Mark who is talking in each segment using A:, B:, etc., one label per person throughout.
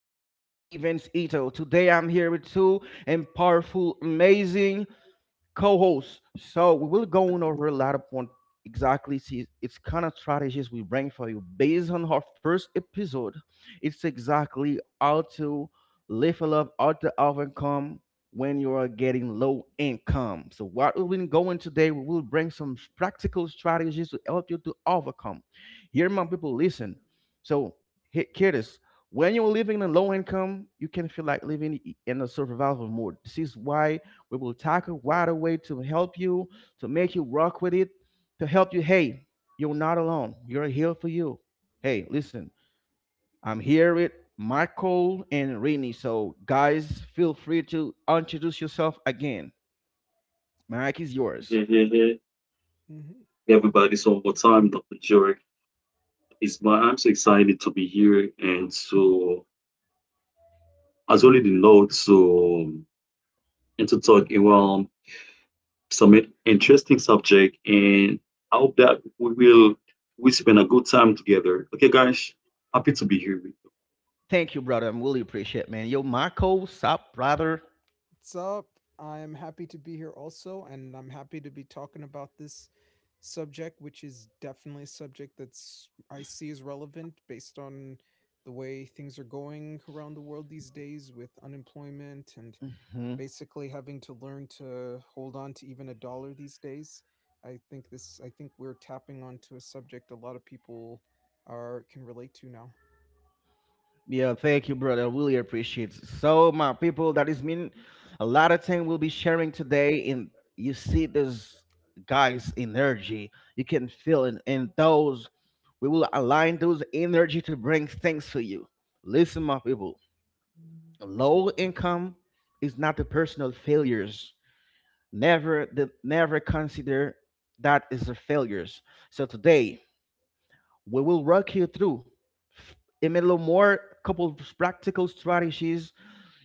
A: your host, Evans Ito. Today I'm here with two and powerful, amazing co-host. So we will go on over a lot of point exactly see it's kind of strategies we bring for you based on our first episode. It's exactly how to level up, how to overcome when you are getting low income. So what we've been going today, we will bring some practical strategies to help you to overcome. Here, my people, listen. So here when you're living in low income, you can feel like living in a survival mode. This is why we will tackle right away to help you, to make you rock with it, to help you. Hey, you're not alone. You're here for you. Hey, listen, I'm here with Michael and Rini. So, guys, feel free to introduce yourself again. Mike is yours.
B: Yeah, yeah, yeah.
C: Mhm.
B: Everybody's all the time, Dr. Jurek. It's my I'm so excited to be here and to as well as the note to and to talk around some interesting subject, and I hope that we spend a good time together. Okay guys, happy to be here with
A: Thank you, brother. I'm really appreciate, man. Yo, Michael, sup, brother?
C: What's up? I am happy to be here also, and I'm happy to be talking about this subject, which is definitely a subject that's I see as relevant based on the way things are going around the world these days with unemployment and
A: Mhm.
C: basically having to learn to hold on to even a dollar these days. I think we're tapping onto a subject a lot of people are can relate to now.
A: Yeah, thank you, brother. I really appreciate it. So, my people, that is mean a lot of thing we'll be sharing today. And you see this guy's energy. You can feel it. And those, we will align those energy to bring things to you. Listen, my people, low income is not the personal failures. Never, the, never consider that is the failures. So today, we will walk you through a little more couple of practical strategies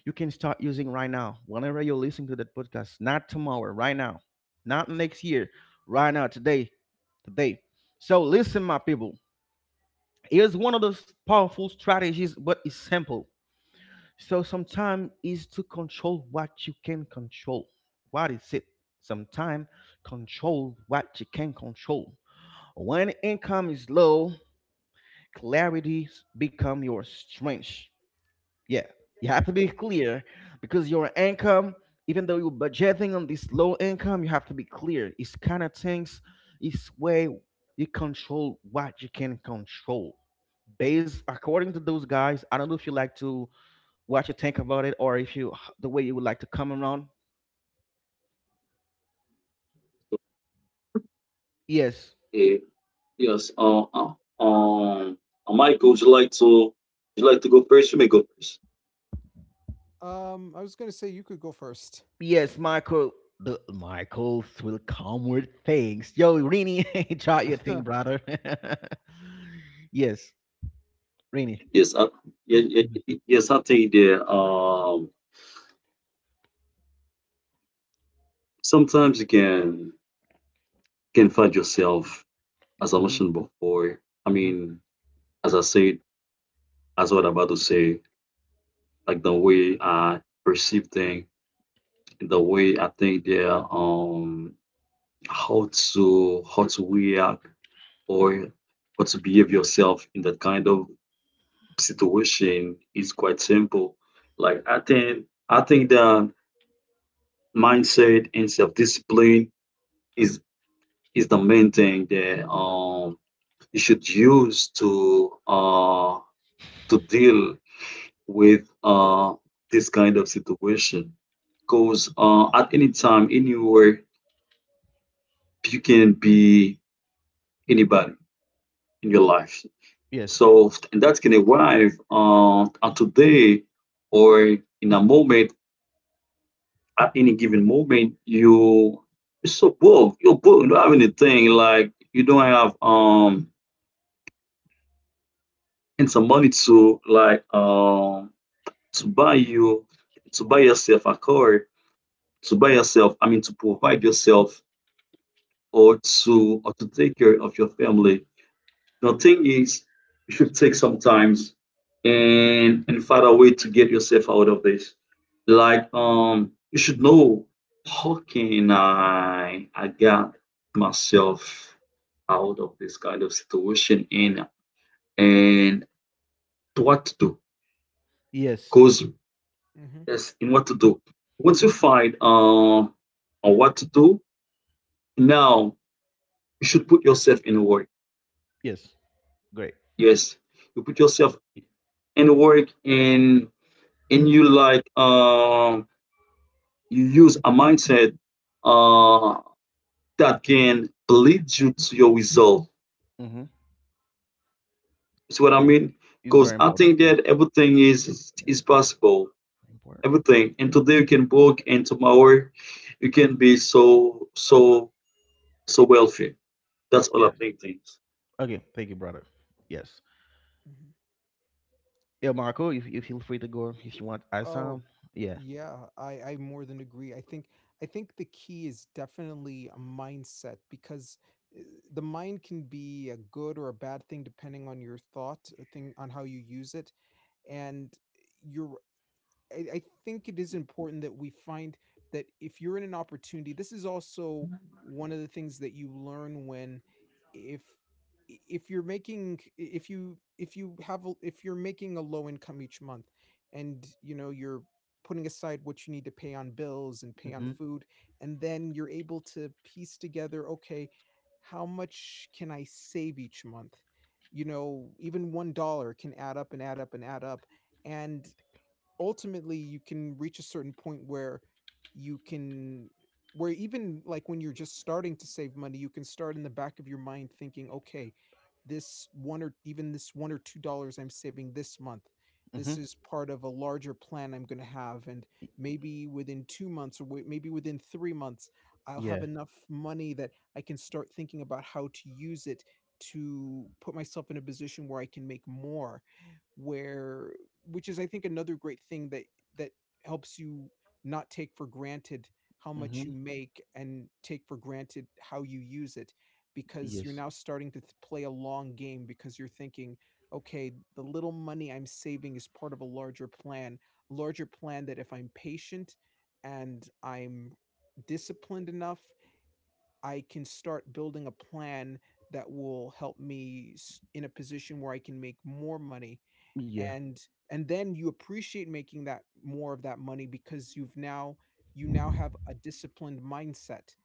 A: you can start using right now, whenever you're listening to that podcast. Not tomorrow, right now, not next year, right now, today, today. So listen, my people, here's one of those powerful strategies, but it's simple. So sometimes is to control what you can control. What is it? Sometimes control what you can control. When income is low, clarity become your strength. Yeah, you have to be clear because your income, even though you're budgeting on this low income, you have to be clear. It's kind of things, it's way you control what you can control. Based according to those guys, I don't know if you like to what you think about it, or if you the way you would like to come around. Yes,
B: you. Yes, um Michael, would you like to go first? You may go first.
C: I was gonna say you could go 1st.
A: yes, Michael. The Michaels will come with things. Yo, Rini, try your thing, brother. Yes, Rini.
B: Yes, I, yeah, yes, I think that sometimes you can find yourself, as I
A: Hmm.
B: mentioned before. I mean, as I said, as what I'm about to say, like the way I perceive things, the way I think they are, how to react, or how to behave yourself in that kind of situation is quite simple. Like I think that mindset and self discipline is is the main thing that you should use to deal with this kind of situation. Because at any time, anywhere, you can be anybody in your life.
A: Yes.
B: So and that can arrive at today or in a moment, at any given moment, you're so broke. You're broke. You don't have anything. Like you don't have and some money to like to buy you to buy yourself a car, to buy yourself, I mean, to provide yourself, or to take care of your family. The thing is, you should take some times and find a way to get yourself out of this. Like you should know how can I get myself out of this kind of situation, and and what to do.
A: Yes.
B: Cause
C: Mm-hmm.
B: yes, in what to do. Once you find on what to do, now you should put yourself in work.
A: Yes. Great.
B: Yes, you put yourself in work, and you like you use a mindset uh that can lead you to your result.
A: Mm-hmm.
B: See what I
A: Yes.
B: mean?
A: It's very
B: Because I
A: important.
B: think
A: Yes.
B: that everything
C: Mm-hmm.
A: Very
B: is
A: important,
B: possible.
A: very important.
B: Everything, and today you can work, and tomorrow you can be so so wealthy. That's all I
A: Yes.
B: think. Things.
A: Okay. Thank you, brother. Yes. Yeah, Marco, you feel free to go if you want. I
C: Oh,
A: sound. Yeah.
C: yeah, I more than agree. I think the key is definitely a mindset because uh, the mind can be a good or a bad thing depending on your thought or thing on how you use it. And eh, you're I think it is important that we find that if you're in an opportunity, this is also one of the things that you learn when if if you're making if you have if you're making a low income each month, and you know you're putting aside what you need to pay on bills and pay on
A: Mm-hmm.
C: food, and then you're able to piece together, okay, how much can I save each month? You know, even $1 can add up and add up and add up. And ultimately you can reach a certain point where you can, where even like when you're just starting to save money you can start in the back of your mind thinking, okay, this one or even this $1 or $2 I'm saving this month,
A: Mm-hmm.
C: this is part of a larger plan I'm going to have. And maybe within 2 months or maybe within 3 months I'll have
A: Yeah.
C: enough money that I can start thinking about how to use it to put myself in a position where I can make more, where, which is I think another great thing that that helps you not take for granted how much
A: Mm-hmm.
C: you make and take for granted how you use it, because you're
A: Yes.
C: now starting to play a long game because you're thinking, okay, the little money I'm saving is part of a larger plan, larger plan that if I'm patient and I'm disciplined enough, I can start building a plan that will help me in a position where I can make more money.
A: Yeah.
C: And then you appreciate making that more of that money because you've now, you now have a disciplined mindset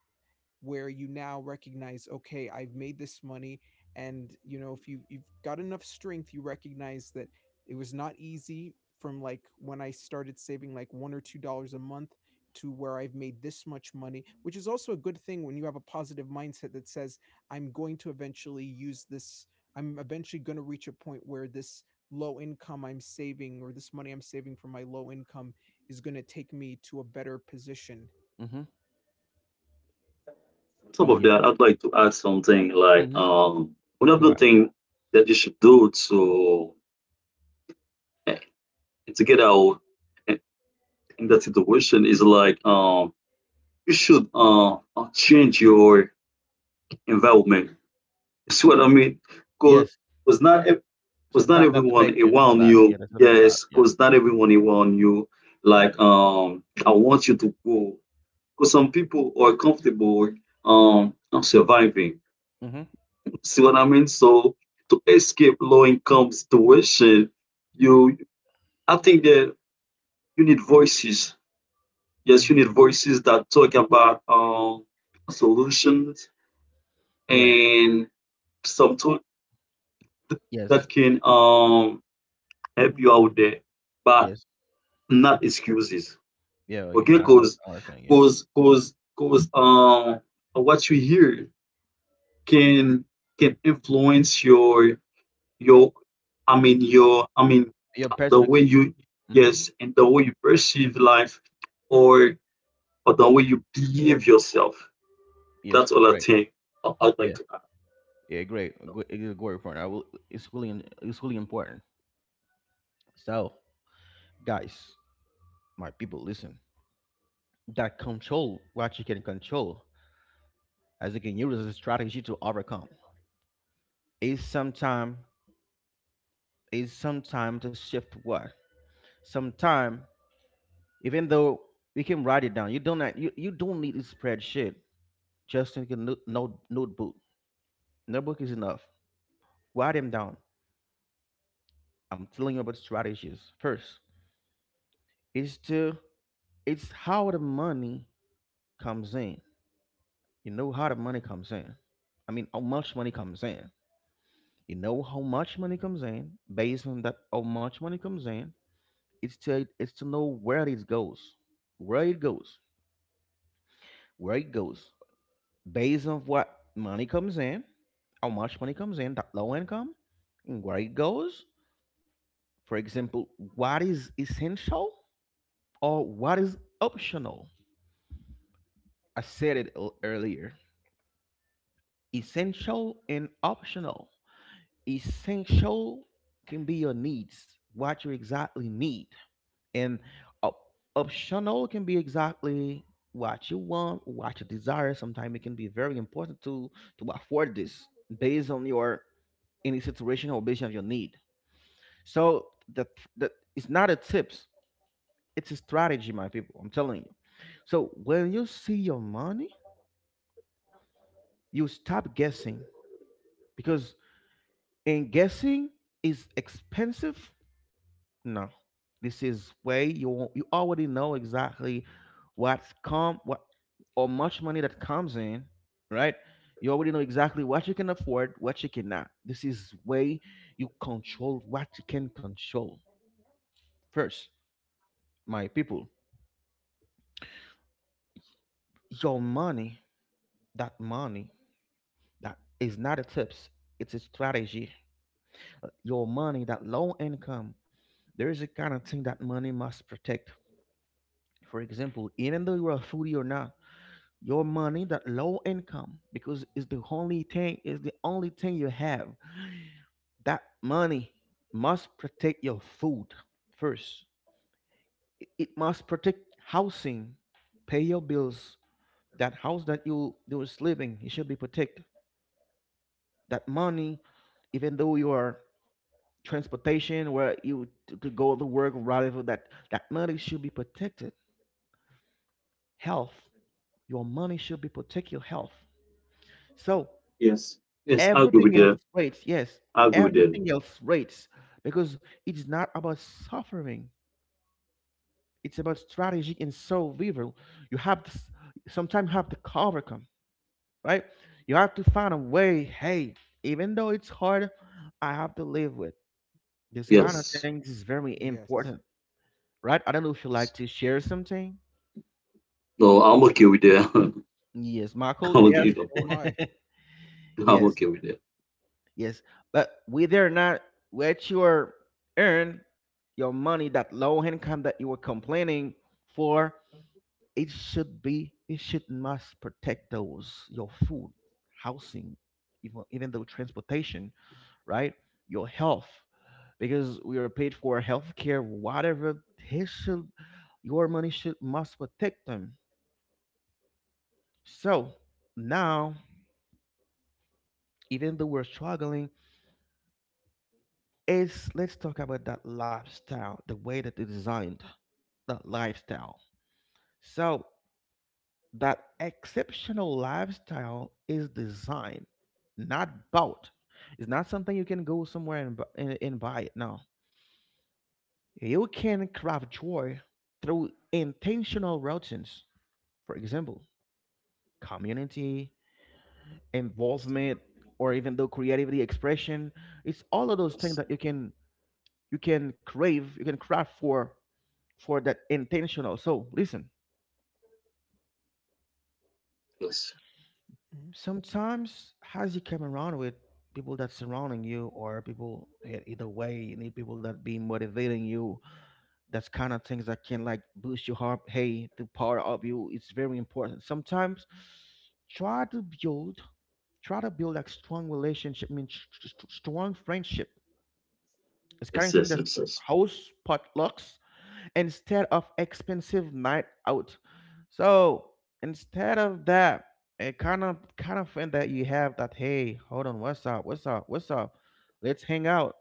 C: where you now recognize, okay, I've made this money. And you know, if you've got enough strength, you recognize that it was not easy, from like when I started saving like $1 or $2 a month to where I've made this much money, which is also a good thing when you have a positive mindset that says I'm going to eventually use this. I'm eventually going to reach a point where this low income I'm saving or this money I'm saving from my low income is going to take me to a better position.
A: Mm-hmm.
B: Top of
A: Yeah.
B: that, I'd like to add something like
A: Mm-hmm. Go
B: another
A: out.
B: thing that you should do to eh, to get out, eh, in that situation, is like you should change your environment. You see what I mean? Because
A: Yes.
B: not ev- cause not
A: Sometimes that
B: everyone
A: affect you a
B: around
A: lot. Yeah,
B: you.
A: that's affect a lot.
B: Yes,
A: Yeah.
B: cause not everyone around you. Like I want you to go. Cause some people are comfortable um surviving.
A: Mm-hmm.
B: See what I mean? So to escape low income situation, you I think that you need voices. Yes, you
A: Mm-hmm.
B: need voices that talk about solutions,
A: Yeah.
B: and some talk that
A: Yes,
B: can help you
C: Hmm.
B: out there, but
A: yes.
B: not excuses.
A: Yeah, okay.
B: Okay,
A: I don't want
B: cause
A: I understand. Yeah.
B: cause cause cause um what you hear can influence your your I mean your I mean
A: Your
B: the way
A: perspective.
B: you,
A: Mm-hmm.
C: Hmm.
B: yes, and the way you perceive life, or the way you behave yourself. That's
A: Yes,
B: all
A: great.
B: I- I'd like
A: Yeah,
B: to add.
A: yeah, great. Good. It's a great point. I will, it's really it's really important. So, guys, my people, listen. That control what you can control as you can use as a strategy to overcome is sometime, is sometime to shift what, sometime even though you can write it down, you don't not, you don't need a spreadsheet, just in a no, note notebook, notebook is enough, write them down. I'm telling you about strategies. First is to it's how the money comes in. You know how the money comes in. I mean how much money comes in. You know how much money comes in. Based on that how much money comes in, it's to know where it goes. Where it goes. Where it goes. Based on what money comes in, how much money comes in, that low income, and where it goes. For example, what is essential or what is optional, I said it earlier. Essential and optional. Essential can be your needs, what you exactly need, and optional can be exactly what you want, what you desire. Sometimes it can be very important to afford this based on your any situation or based on your need. So the the it's not a tips, it's a strategy, my people. I'm telling you. So when you see your money, you stop guessing because. And guessing is expensive? No. This is way you you already know exactly what's come what or much money that comes in, right? You already know exactly what you can afford, what you cannot. This is way you control what you can control. First, my people, your money, that money, that is not a tips, it's a strategy. Your money, that low income, there is a kind of thing that money must protect. For example, even though you're a foodie or not, your money, that low income, because it's the only thing, is the only thing you have. That money must protect your food first. It must protect housing, pay your bills. That house that you are living, it should be protected. That money, even though you are transportation where you to go to work, whatever, that that money should be protected. Health, your money should be protect your health. So
B: Yes, yes, I agree with
A: everything else
C: Hmm.
B: that.
A: waits. Yes,
B: I agree
C: Yeah.
B: with that.
A: everything else waits, because it's not about suffering. It's about strategy and survival. You have to sometimes you have to overcome, right? You have to find a way. Hey, even though it's hard, I have to live with this kind of
B: Yes,
A: things is very
C: Yes.
A: important, right? I don't know if you like to share something.
B: no, I'm okay with that.
A: Yes, Michael, you
B: I'm okay
A: there?
B: with the
C: So am
B: point.
C: I.
B: I'm
A: Yes.
B: okay with that.
A: Yes, but whether or not what you are earn your money, that low income that you were complaining for, it should be it should must protect those your food, housing, even even though transportation, right? Your health, because we are paid for healthcare, whatever. They should your money should must protect them. So now, even though we're struggling, is let's talk about that lifestyle, the way that they designed. That lifestyle. So that exceptional lifestyle is designed, not bought. It's not something you can go somewhere and, and buy it. No, you can craft joy through intentional routines. For example, community involvement, or even though creativity expression. It's all of those things
B: Yes,
A: that
B: yes,
A: you can crave, you can craft for that intentional. So listen,
B: yes,
C: Mhm.
A: sometimes as you come around with people that surrounding you or people either way you need people that be motivating you, that's kind of things that can like boost your heart, hey, to power up you, it's very important. Sometimes try to build, try to build like strong relationship, I mean strong friendship, it's kind
B: yes,
A: of thing
B: yes,
A: that's
B: yes.
A: house potlucks instead of expensive night out. So instead of that, it kind of friend that you have that hey, hold on, what's up, what's up, what's up? Let's hang out,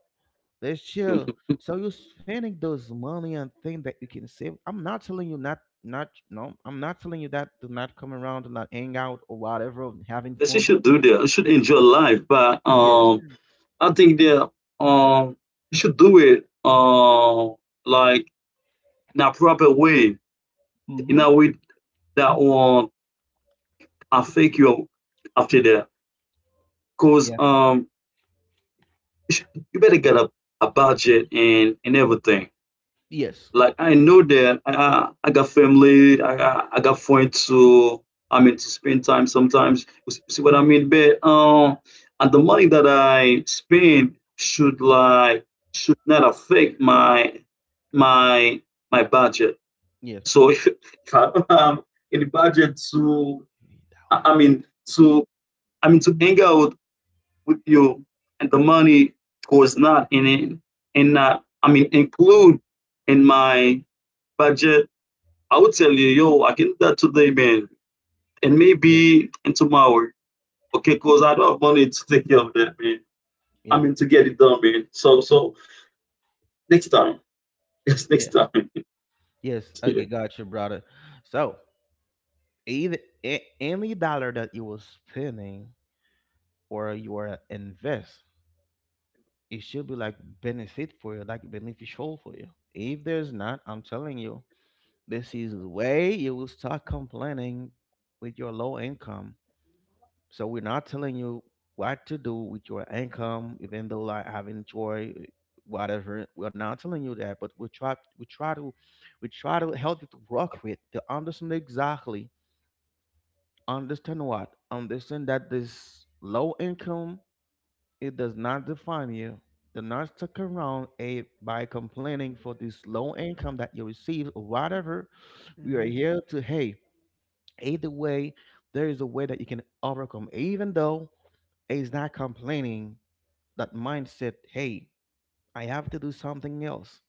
A: let's chill. So you're spending those money on things that you can save. I'm not telling you not not no, I'm not telling you that do not come around and not hang out or whatever, and having
B: Yes, you
A: fun.
B: should do that, you should enjoy life, but
A: Yes.
C: Yeah.
B: I think that um you should do it like in a proper way, in
A: Mm-hmm.
B: a way that will affect you after that. Cause
A: Yeah.
B: you better get a budget and everything.
A: Yes.
B: Like I
C: Yes.
B: know that I got family, I got friends to, I mean, to spend time sometimes. You see what I mean? But and the money that I spend should like should not affect my my budget.
A: Yes.
B: So if I don't have any budget to I I mean to I mean to hang out with you, and the money was not in it and not I mean include in my budget, I would tell you, yo, I can do that today, man. And
A: Yes.
B: maybe in tomorrow. Okay, cause I don't have money to take care of that, man. I
A: Yeah.
B: mean to get it done, man. So next time. Yes,
A: Yeah.
B: next time.
A: Yes.
B: Yeah.
A: Okay, got you, brother. So either any dollar that you were spending or you were invest, it should be like benefit for you, like beneficial for you. If there's not, I'm telling you, this is the way you will start complaining with your low income. So we're not telling you what to do with your income, even though like having joy, whatever. We're not telling you that, but we try to we try to help you to work with to understand exactly. Understand what? Understand that this low income, it does not define you. Do not stick around a by complaining for this low income that you receive or whatever. We are
C: Mhm.
A: here to, hey, either way, there is a way that you can overcome. Even though it's not complaining, that mindset, hey, I have to do something else.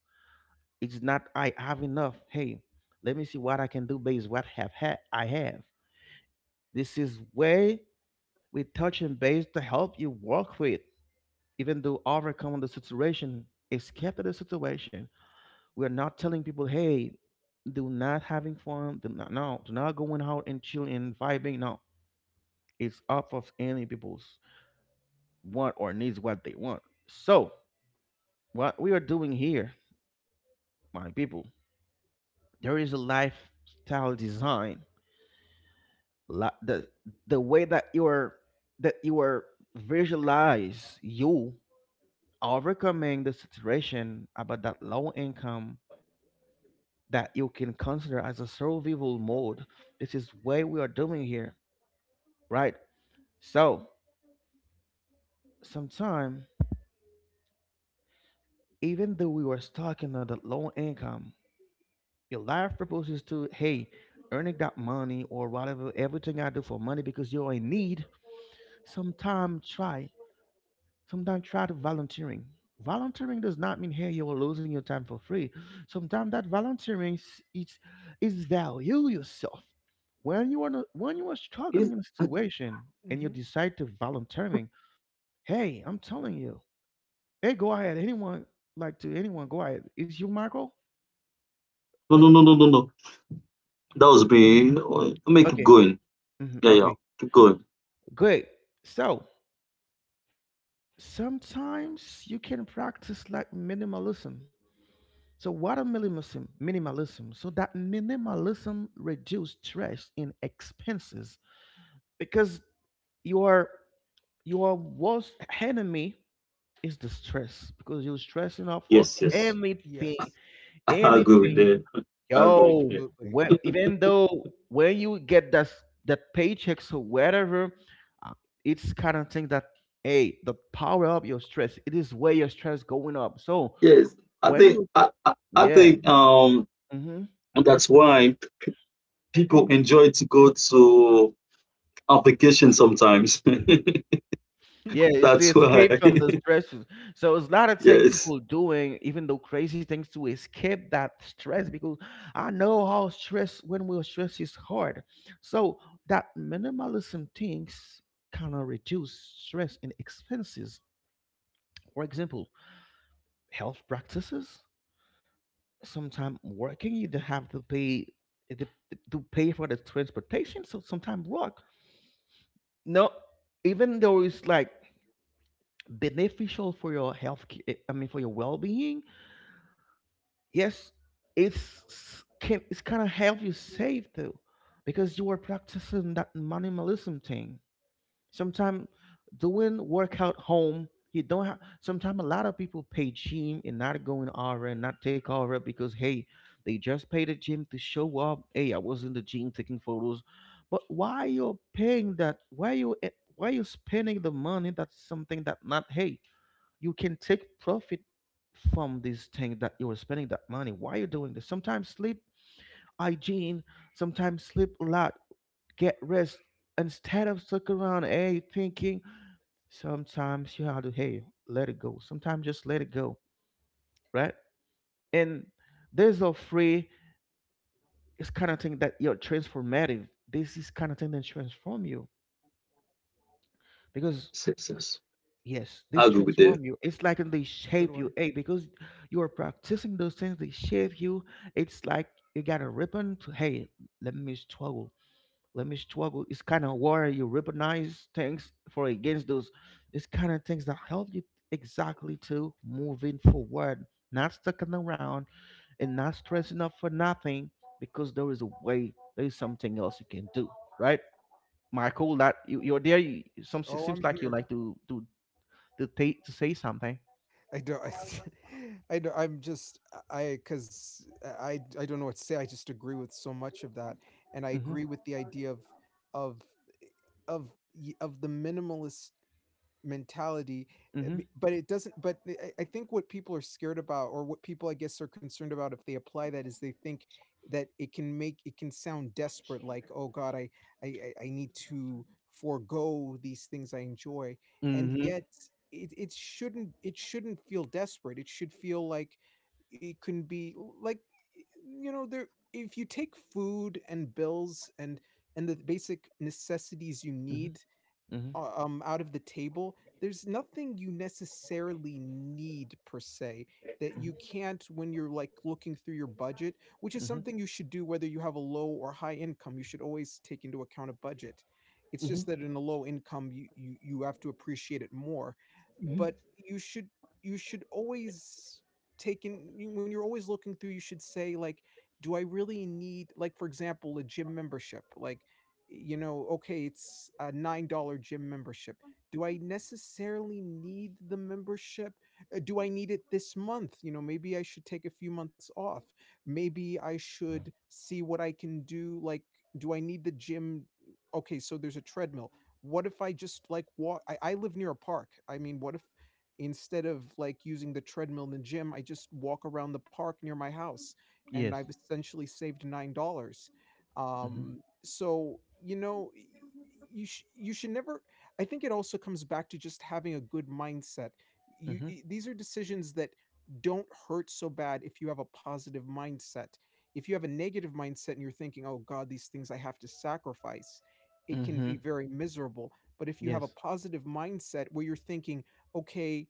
A: It's not I have enough. Hey, let me see what I can do based what I have. This is way with touch and base to help you work with, even though overcome the situation, escape the situation. We are not telling people, hey, do not having fun, do not no, do not going out and chilling and vibing. No. It's up of any people's want or needs, what they want. So what we are doing here, my people, there is a lifestyle design. li- The the way that you are visualize you overcoming the situation about that low income that you can consider as a survival mode. This is what we are doing here, right? So, sometime, even though we were stuck in that low income, your life proposes to, hey, earning that money or whatever, everything I do for money because you're in need, sometime try. Sometimes try to volunteering. Volunteering does not mean hey you are losing your time for free. Sometimes that volunteering is it's is value yourself. When you are when you are struggling
B: Is-
A: in a
B: I-
A: situation and you
C: Mhm.
A: decide to volunteering, hey, I'm telling you, hey, go ahead. Anyone like to anyone go ahead. Is you Michael?
B: No,
C: Uh,
B: no, no, no, no, no. That was me. Oh, let me keep
A: Okay.
B: going.
A: Mhm,
B: Yeah, yeah.
A: okay.
B: Keep going.
A: Great. So sometimes you can practice like minimalism. So what are minimalism? Minimalism. So that minimalism reduce stress in expenses because your your worst enemy is the stress because you're stressing out for
B: Yes, yes.
A: anything,
C: yes.
B: I agree with
A: anything.
B: that. I agree with
A: Yo,
B: that.
C: Absolutely.
A: when, even though when you get that that paycheck or whatever, uh, it's kind of thing that hey, the power up your stress. It is where your stress going up. So
B: Yes, I
A: when
B: think
A: you
B: I
A: yeah.
C: Mhm.
B: think
A: Mm-hmm.
B: that's why people enjoy to go to a vacation sometimes.
A: Yeah, it's the
B: That's
A: escape
B: why.
A: from the stresses. So it's not a thing
B: Yes.
A: people doing, even though crazy things to escape that stress because I know how stress when we're stressed is hard. So that minimalism things kind of reduce stress and expenses. For example, health practices. Sometimes working, you don't have to pay eh, to to pay for the transportation. So sometimes work. No, even though it's like beneficial for your health I mean for your well-being yes it's can it's kind of help you save too because you are practicing that minimalism thing sometimes doing workout home you don't have sometimes a lot of people pay gym and not going over and not take over because hey they just pay the gym to show up hey I was in the gym taking photos but why you're paying that why you why you spending the money that's something that not hey you can take profit from this thing that you were spending that money. Why are you doing this? Sometimes sleep hygiene, sometimes sleep a lot, get rest instead of stuck around, hey, thinking. Sometimes you have to, hey, let it go. Sometimes just let it go, right? And there's a free, it's kind of thing that you're transformative. This is kind of thing that transform you because
B: Yes, yes.
A: Yes,
B: I
A: this
B: agree with that.
A: transform you. It's like they
C: So do
A: shape you.
C: I.
A: Hey, because you are practicing those things, they shape you. It's like you got a ribbon to hey, let me struggle. Let me struggle. It's kind of where you recognize things for against those. It's kind of things that help you exactly to moving forward, not sticking around and not stressing up for nothing because there is a way, there is something else you can do, right? Michael, that you're there. You, some
C: Oh, I'm
A: seems like you
C: here.
A: like to do to take to say something.
C: I don't. I, I don't. I'm just. I because I. I don't know what to say. I just agree with so much of that, and I
A: Mhm,
C: agree with the idea of of of the minimalist mentality. uh,
A: mhm,
C: but it doesn't, but I think what people are scared about, or what people I guess are concerned about if they apply that, is they think that it can make, it can sound desperate, like, oh god, I need to forego these things I enjoy. And
A: mhm,
C: yet it shouldn't, it shouldn't feel desperate. It should feel like it can be like, you know, there, if you take food and bills and the basic necessities you
A: mhm,
C: need
A: mhm,
C: out of the table, there's nothing you necessarily need per se that
A: mhm,
C: you can't, when you're like looking through your budget, which is
A: mhm,
C: something you should do whether you have a low or high income, you should always take into account a budget. It's
A: mhm,
C: just that in a low income you have to appreciate it more. But
A: mhm.
C: you should, you should always take in when you're always looking through, you should say, like, do I really need, like for example, a gym membership? Like, you know, okay, it's a $9 gym membership. Do I necessarily need the membership? Do I need it this month? You know, maybe I should take a few months off. Maybe I should see what I can do. Like, do I need the gym? Okay, so there's a treadmill. What if I just like walk? I live near a park. I mean, what if instead of like using the treadmill in the gym, I just walk around the park near my house and
A: Yes.
C: I've essentially saved $9?
A: Mhm,
C: Um, so you know you you should never, I think it also comes back to just having a good mindset. You,
A: mhm,
C: these are decisions that don't hurt so bad if you have a positive mindset. If you have a negative mindset and you're thinking, oh god, these things I have to sacrifice, it can be
A: mhm.
C: very miserable. But if you have a
A: Yes.
C: positive mindset where you're thinking, okay,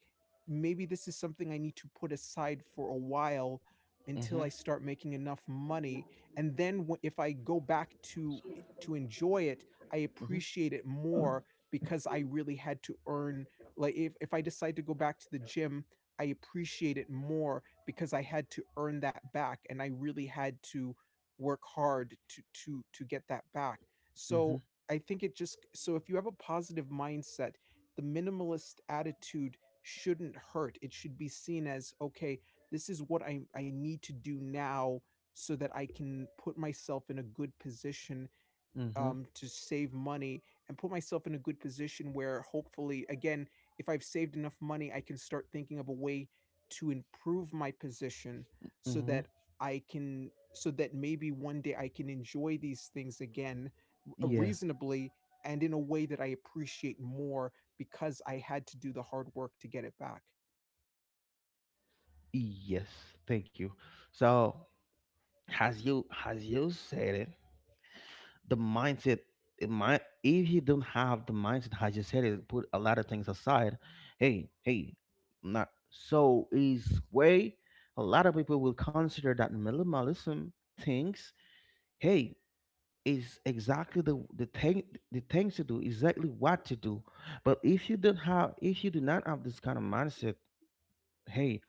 C: maybe this is something I need to put aside for a while until
A: Mhm,
C: I start making enough money, and then if I go back to enjoy it, I
A: mhm,
C: appreciate it more because I really had to earn, like if I decide to go back to the gym, I appreciate it more because I had to earn that back and I really had to work hard to get that back.
A: mhm,
C: So, I think it just, so if you have a positive mindset, the minimalist attitude shouldn't hurt. It should be seen as, okay, this is what I need to do now so that I can put myself in a good position,
A: mhm,
C: to save money and put myself in a good position where, hopefully, again, if I've saved enough money, I can start thinking of a way to improve my position so
A: mhm.
C: that I can, so that maybe one day I can enjoy these things again,
A: Yeah.
C: reasonably and in a way that I appreciate more because I had to do the hard work to get it back.
A: Yes. Thank you. So, as you said it, the mindset in my if you don't have the mindset as you said it put a lot of things aside hey hey not so is way a lot of people will consider that minimalism things hey is exactly the thing the things to do exactly what to do but if you don't have if you do not have this kind of mindset hey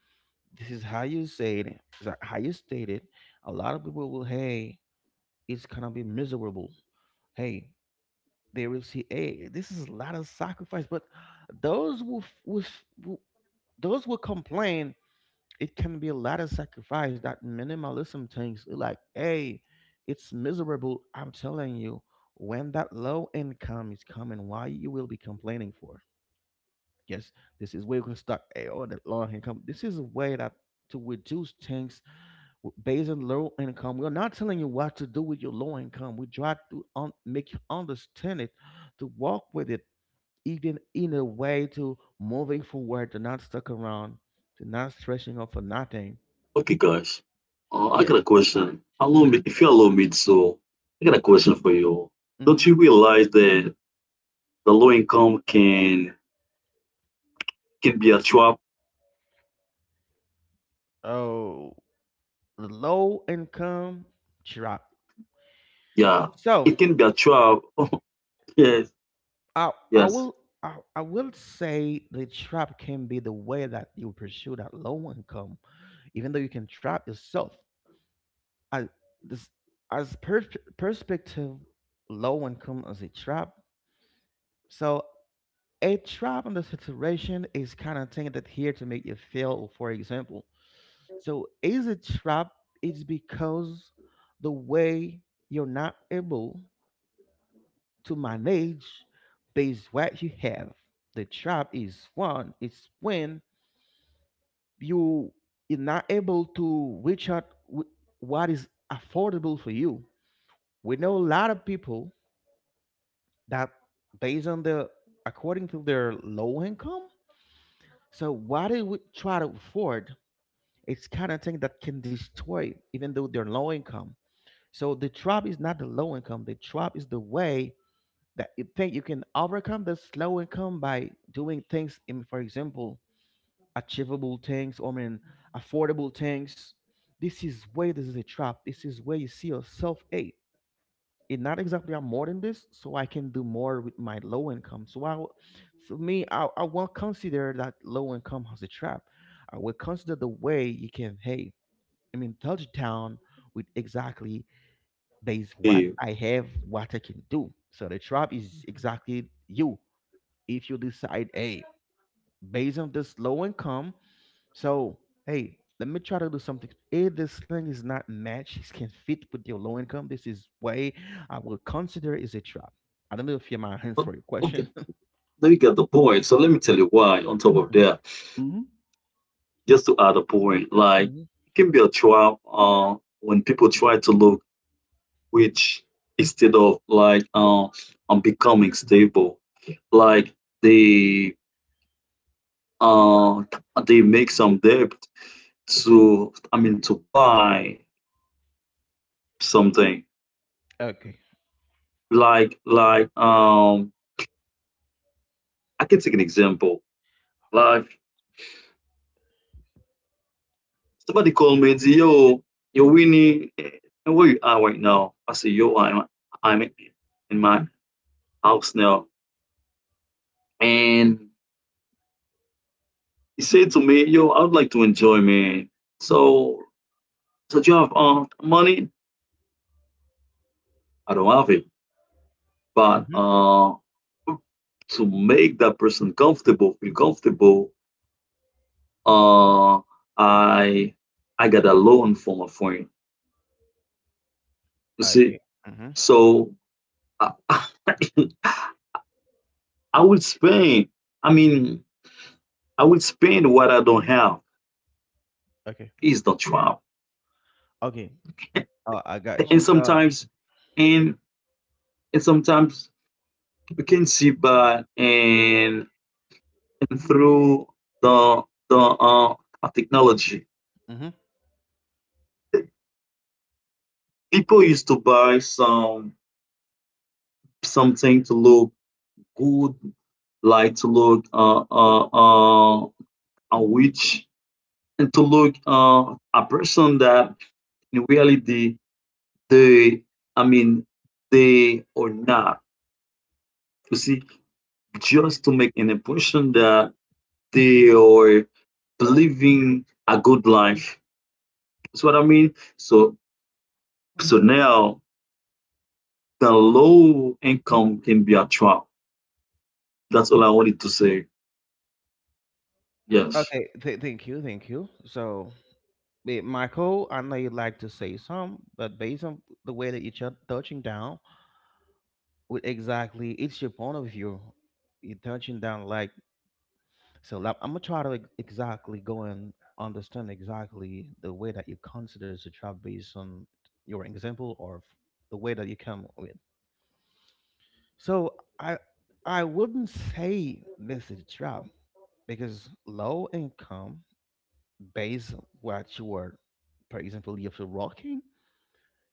A: this is how you say it is how you state it a lot of people will hey it's gonna be miserable hey they will see, hey, this is a lot of sacrifice. But those will, will, will those will complain. It can be a lot of sacrifice that minimalism thinks like, hey, it's miserable. I'm telling you, when that low income is coming, why you will be complaining for? Yes, this is where you can start. Hey, oh, that low income. This is a way that to reduce things based on low income. We're not telling you what to do with your low income. We try to make you understand it, to walk with it even in a way to moving forward, to not stuck around, to not stressing out for nothing.
B: Okay, guys. I got
A: Yes.
B: a question. Allow me,
A: Mm-hmm.
B: if you allow me to, I got a question for you. Don't
A: Mm-hmm.
B: you realize that the low income can be a trap?
A: Oh, low income trap.
B: Yeah,
A: So
B: it can be a trap. Yes.
A: I
B: Yes.
A: will I will say the trap can be the way that you pursue that low income, even though you can trap yourself. As this as per- perspective, low income as a trap. So a trap in the situation is kind of thing that here to make you fail, for example. So is a trap it's because the way you're not able to manage based what you have. The trap is one, it's when you you're not able to reach out with what is affordable for you. We know a lot of people that based on the according to their low income, so what they would try to afford It's kind of thing that can destroy even though they're low income. So the trap is not the low income. The trap is the way that you think you can overcome the low income by doing things, in, for example, achievable things or I mean affordable things. This is where this is a trap. This is where you see yourself, hey, it not exactly I'm more than this, so I can do more with my low income. So for me, I won't consider that low income as a trap. I will consider the way you can, hey, I mean, touch down with exactly based what
B: Yeah.
A: I have, what I can do. So the trap is
C: Mhm.
A: exactly you. If you decide, hey, based on this low income, so hey, let me try to do something. If this thing is not matched, it can fit with your low income. This is way I will consider is a trap. I don't know if you're my hands
B: O-
A: for your question.
B: Okay. No, you get the point. So let me tell you why. On top of that,
A: Hmm.
B: just to add a point, like
A: Mm-hmm. Mm-hmm.
B: it can be a trap when people try to look which, instead of like becoming stable, like they uh they make some debt to, I mean, to buy something.
A: Okay.
B: Like like um I can take an example. Like somebody called me and said, "Yo, yo, Winnie, where you are right now?" I said, "Yo, I'm in my house now." And he said to me, "Yo, I would like to enjoy, man. So, so do you have money?" I don't have it. But
A: Mm-hmm.
B: to make that person comfortable, feel comfortable, uh, I I got a loan from a friend. You see,
A: Okay. Mm-hmm.
B: so I, I would spend. I mean, I will spend what I don't have
A: Okay.
B: is the trap.
A: Okay. Oh, I got you.
B: And
C: Oh,
A: So,
B: sometimes, and sometimes we can see by and through the the technology.
A: mhm.
B: People used to buy some something to look good, like to look a witch, and to look a person that in reality they, I mean, they are not. You see, just to make an impression that they are living a good life. That's what I mean. So so
C: oh.
B: now the low income can be a trap. That's all I wanted to say. Yes.
A: Okay, thank you, thank you. So, Michael, I know you'd like to say some, but based on the way that you're touching down, with exactly it's your point of view, you're touching down like so. Like, I'm gonna try to exactly go and understand exactly the way that you consider the trap based on your example or the way that you come with. So, I wouldn't say this is a trap because low income based on what you are, for example, if you're working,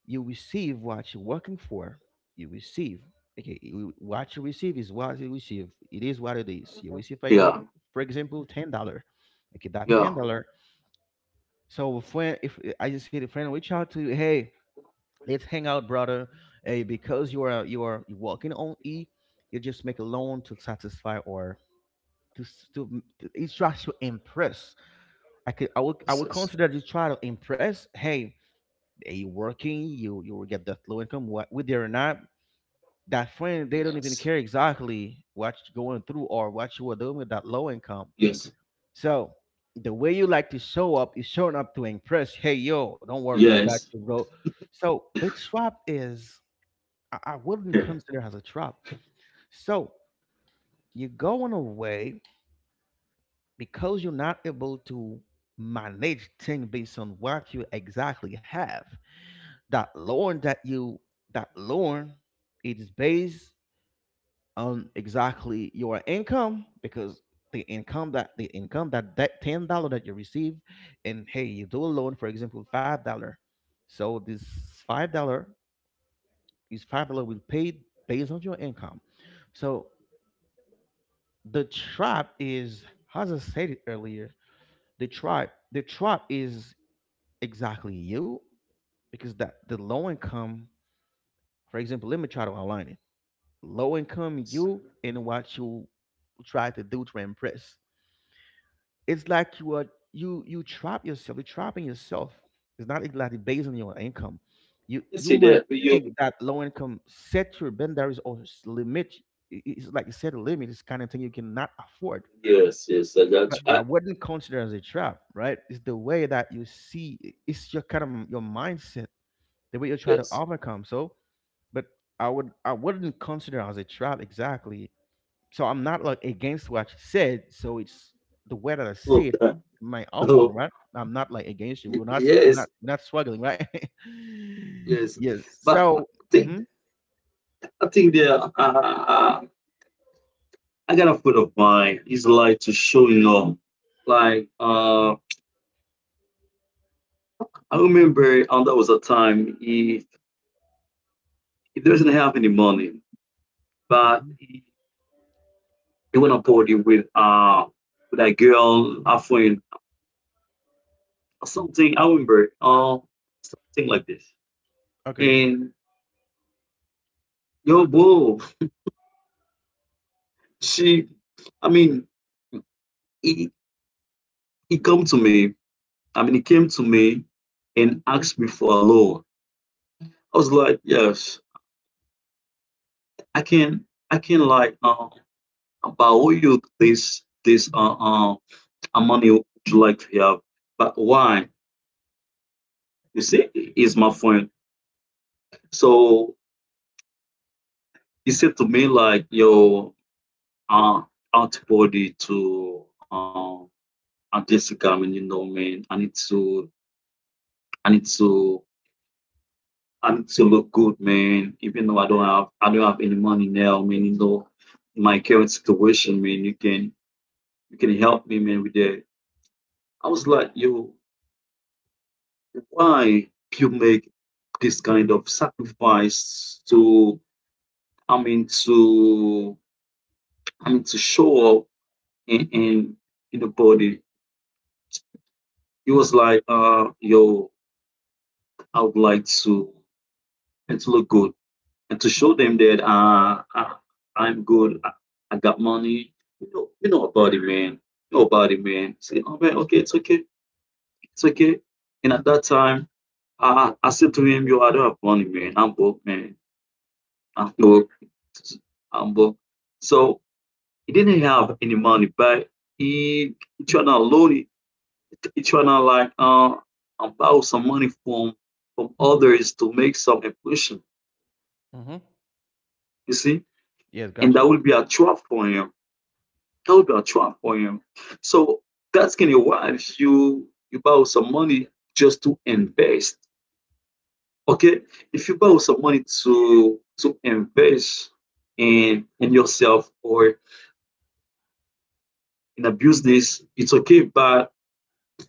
A: you receive what you're working for. You receive. Okay, what you receive is what you receive. It is what it is. You receive,
B: Yeah.
A: for example,
C: Mhm,
A: $10. Okay, that ten
B: Yeah.
A: dollar. So if friend, if I just see the friend reach out to you, hey, let's hang out, brother. Hey, because you are working on E, you just make a loan to satisfy or to it's just to impress. I
B: Yes.
A: would
B: Yes.
A: consider you try to impress. Hey, they working, you will get that low income. What whether or not that friend, they don't even
B: Yes.
A: care exactly what you're going through or what you are doing with that low income.
B: Yes,
A: So the way you like to show up is showing up to impress. Hey yo, don't worry, I got
B: yes.
A: you, bro. So the trap is I wouldn't consider as a trap. So you're going away because you're not able to manage things based on what you exactly have. That loan that loan it is based on exactly your income because the income that that $10 that you receive and hey you do a loan for example $5 so this five dollar is $5 will paid based on your income so the trap is as I said it earlier the trap is exactly you because that the low income for example let me try to align low income
B: Yes.
A: you and what you try to do to impress. It's like you you trap yourself. You're trapping yourself. It's not exactly based on your income.
B: You
A: You
B: see
A: might
B: that you,
A: think that low income set your boundaries or limit. It's like you set a limit. It's kind of thing you cannot afford.
B: yes, yes, I got
A: But
B: you.
C: mhm,
A: I wouldn't consider as a trap, right? It's the way that you see. It's your kind of your mindset, the way you try to
B: Yes.
A: overcome. So, but I wouldn't consider as a trap exactly so I'm not like against what she said. So it's the way that I see
B: Love
A: it,
B: that.
A: my opinion,
B: No.
A: right? I'm not like against you.
B: Yes,
A: We're not struggling, right?
B: yes.
A: Yes.
B: But
A: So,
B: think
A: mm-hmm,
B: I think there are, I got a friend of mine. He's like to showing up. Like I remember, and there was a time he doesn't have any money, but
A: mm-hmm,
B: he went on party with a girl, a friend, something. I remember, something like this.
A: okay,
B: And yo, bro, she, I mean, he he come to me. I mean, he came to me and asked me for a loan. I was like, yes, I can like, but who you this amount you would like to have? But why? You see, is my friend. So he said to me like your uh antibody to Jessica. I mean, you know, man, I need to I need to look good, man. Even though I don't have any money now, man, you know, my current situation, man, you can help me, man, with that. I was like, yo, why you make this kind of sacrifice to, I mean, to, I mean, to show up in in, in the body? It was like, yo, I would like to and to look good and to show them that I'm good. I got money. You know about it, man. You know about it, man. Say, oh man, okay, it's okay, it's okay. And at that time, I said to him, yo, I don't have money, man. I'm broke, man. Hamburg, Hamburg. So he didn't have any money, but he trying to loan, he trying to like borrow some money from others to make some impression.
A: mm-hmm,
B: You see,
A: yes,
B: and
A: gotcha.
B: that would be a trap for him. That would be a trap for him. So that's gonna why if you borrow some money just to invest. Okay, if you borrow some money to invest in yourself or in a business, it's okay. But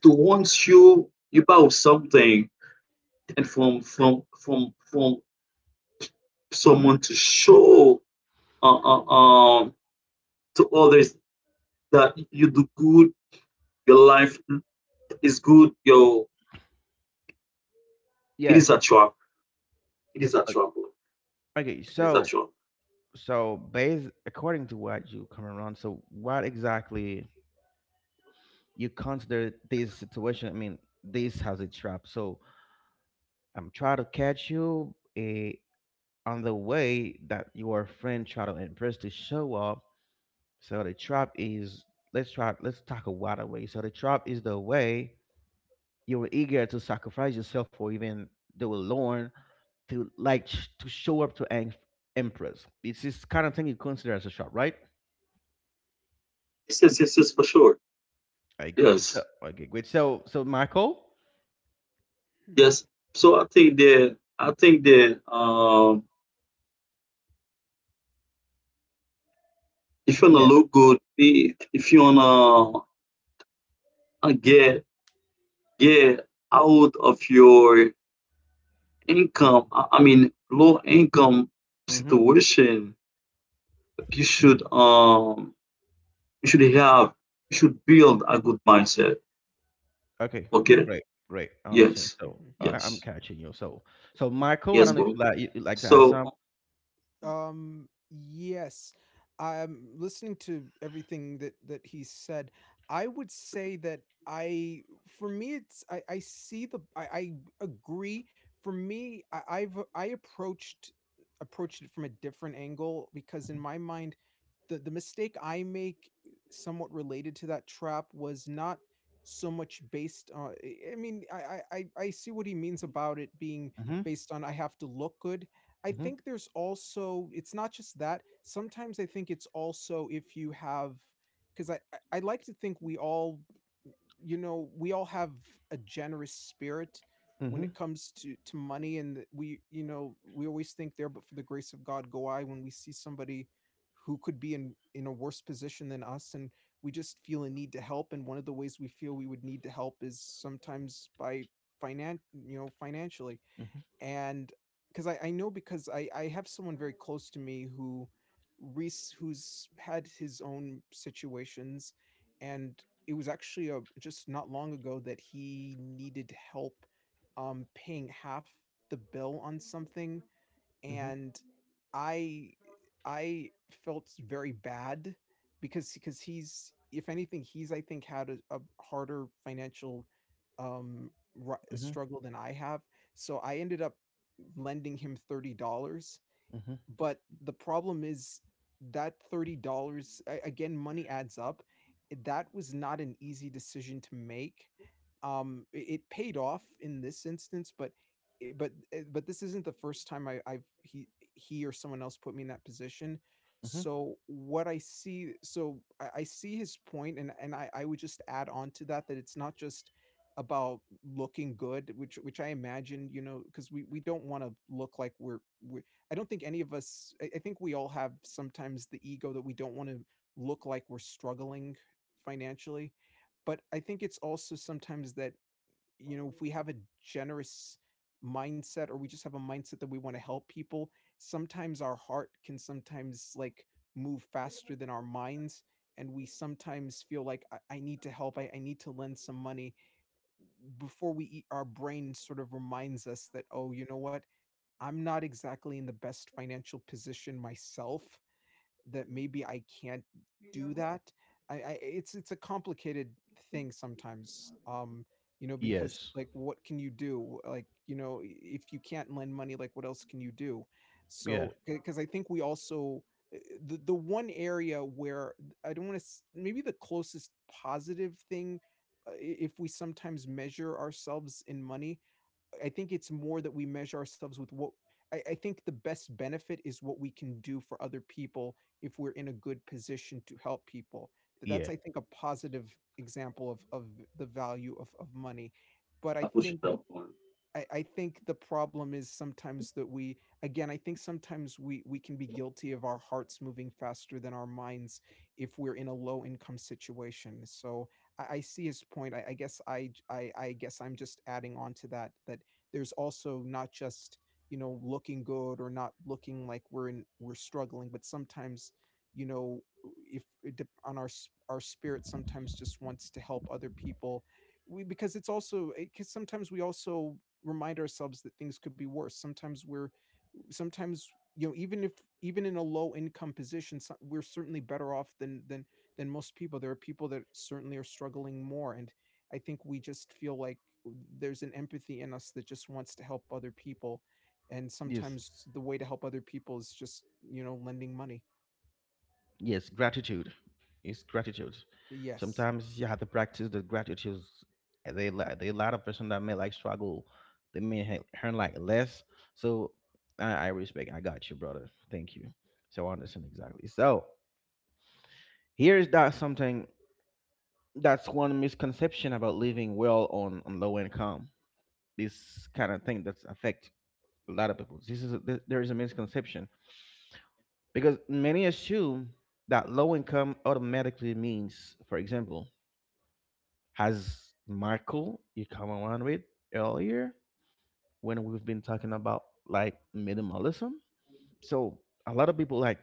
B: to once you buy something and from
A: Mm-hmm,
B: someone to show uh, uh, um to others that you do good, your life is good, your it
A: yeah.
B: is a trap. It is a
A: o-
B: trap.
A: Okay.
B: It is a
A: So,
B: trap.
A: so based according to what you come around, so what exactly you consider this situation? I mean, this has a trap. So I'm trying to catch you. On the way that your friend try to impress to show up. So the trap is let's talk a wider way. So the trap is the way you were eager to sacrifice yourself or even do a loan to like to show up to an empress. It's this kind of thing you consider as a trap, right?
B: Yes, yes, yes, yes, for sure.
A: Okay. So
B: Yes,
A: okay, great. So Michael?
C: mhm,
B: yes. So I think that if you wanna
A: Yeah.
B: look good, if you wanna get out of your income I mean low income
A: Mm-hmm.
B: situation, you should um you should have you should build a good mindset.
A: Okay.
B: Okay,
A: Great. Great. I understand.
B: yes,
A: So
C: mhm.
A: I'm
B: yes,
A: catching you. So Michael, I
B: yes
A: don't know if
B: bro.
A: you like you like to add
B: So
A: some.
B: oh,
C: Yes. I'm listening to everything that he said. I would say that for me, it's I see the, I agree. For me, I approached, approached it from a different angle because in my mind, the mistake I make, somewhat related to that trap, was not so much based on I mean I see what he means about it being
A: Mm-hmm.
C: based on I have to look good. I
A: Mm-hmm.
C: think there's also, it's not just that. Sometimes I think it's also if you have, because I like to think we all, you know, we all have a generous spirit when
A: Mm-hmm.
C: it comes to money, and that we, you know, we always think there but for the grace of god go I when we see somebody who could be in a worse position than us. And we just feel a need to help, and one of the ways we feel we would need to help is sometimes by finan you know, financially.
A: Mm-hmm,
C: And because I know, because I have someone very close to me who, Reese, who's had his own situations, and it was actually just not long ago that he needed help paying half the bill on something.
A: mm-hmm,
C: And I I felt very bad because he's, if anything he's, I think, had a harder financial um
A: mm-hmm,
C: struggle than I have. So I ended up lending him $30.
A: mm-hmm,
C: But the problem is that $30, again, money adds up. That was not an easy decision to make. It paid off in this instance, but i- but but this isn't the first time I, I've he or someone else put me in that position.
A: hmm.
C: So what I see, I see his point, and I would just add on to that, that it's not just about looking good. Which I imagine, you know, because we don't want to look like we're, we I don't think any of us, I think we all have sometimes the ego that we don't want to look like we're struggling financially. But I think it's also sometimes that, you know, if we have a generous mindset, or we just have a mindset that we want to help people, sometimes our heart can sometimes like move faster than our minds. And we sometimes feel like I need to help, I need to lend some money. Before we eat, our brain sort of reminds us that, oh, you know what? I'm not exactly in the best financial position myself, that maybe I can't do that. I it's a complicated thing sometimes. You know, because
A: Yes.
C: like what can you do? Like, you know, if you can't lend money, like what else can you do?
A: Yeah.
C: So because I think we also uh, the one area where I don't want to, maybe the closest positive thing, if we sometimes measure ourselves in money, I think it's more that we measure ourselves with what. I think the best benefit is what we can do for other people if we're in a good position to help people. That's
A: Yeah.
C: I think a positive example of the value of money. But I
B: I push it
C: think
B: up on.
C: I think the problem is sometimes that we, again, I think sometimes we can be guilty of our hearts moving faster than our minds if we're in a low income situation. So I see his point. I guess I guess I'm just adding on to that, that there's also not just, you know, looking good or not looking like we're in, we're struggling, but sometimes, you know, if on our our spirit sometimes just wants to help other people, we, because it's also because sometimes we also remind ourselves that things could be worse. Sometimes we're sometimes, you know, even if, even in a low income position, we're certainly better off than most people. There are people that certainly are struggling more, and I think we just feel like there's an empathy in us that just wants to help other people, and
A: Yes.
C: sometimes the way to help other people is just, you know, lending money.
A: Yes. Gratitude. It's gratitude.
C: Yes.
A: Sometimes you have to practice the gratitude. They a lot of person that may like struggle. They may earn like less. So I respect. I got you, brother. Thank you. So I understand exactly. So here is that something that's one misconception about living well on low income. This kind of thing that's affect a lot of people. This is a, there is a misconception because many assume that low income automatically means, for example, has Michael you come around with earlier when we've been talking about like minimalism. So a lot of people like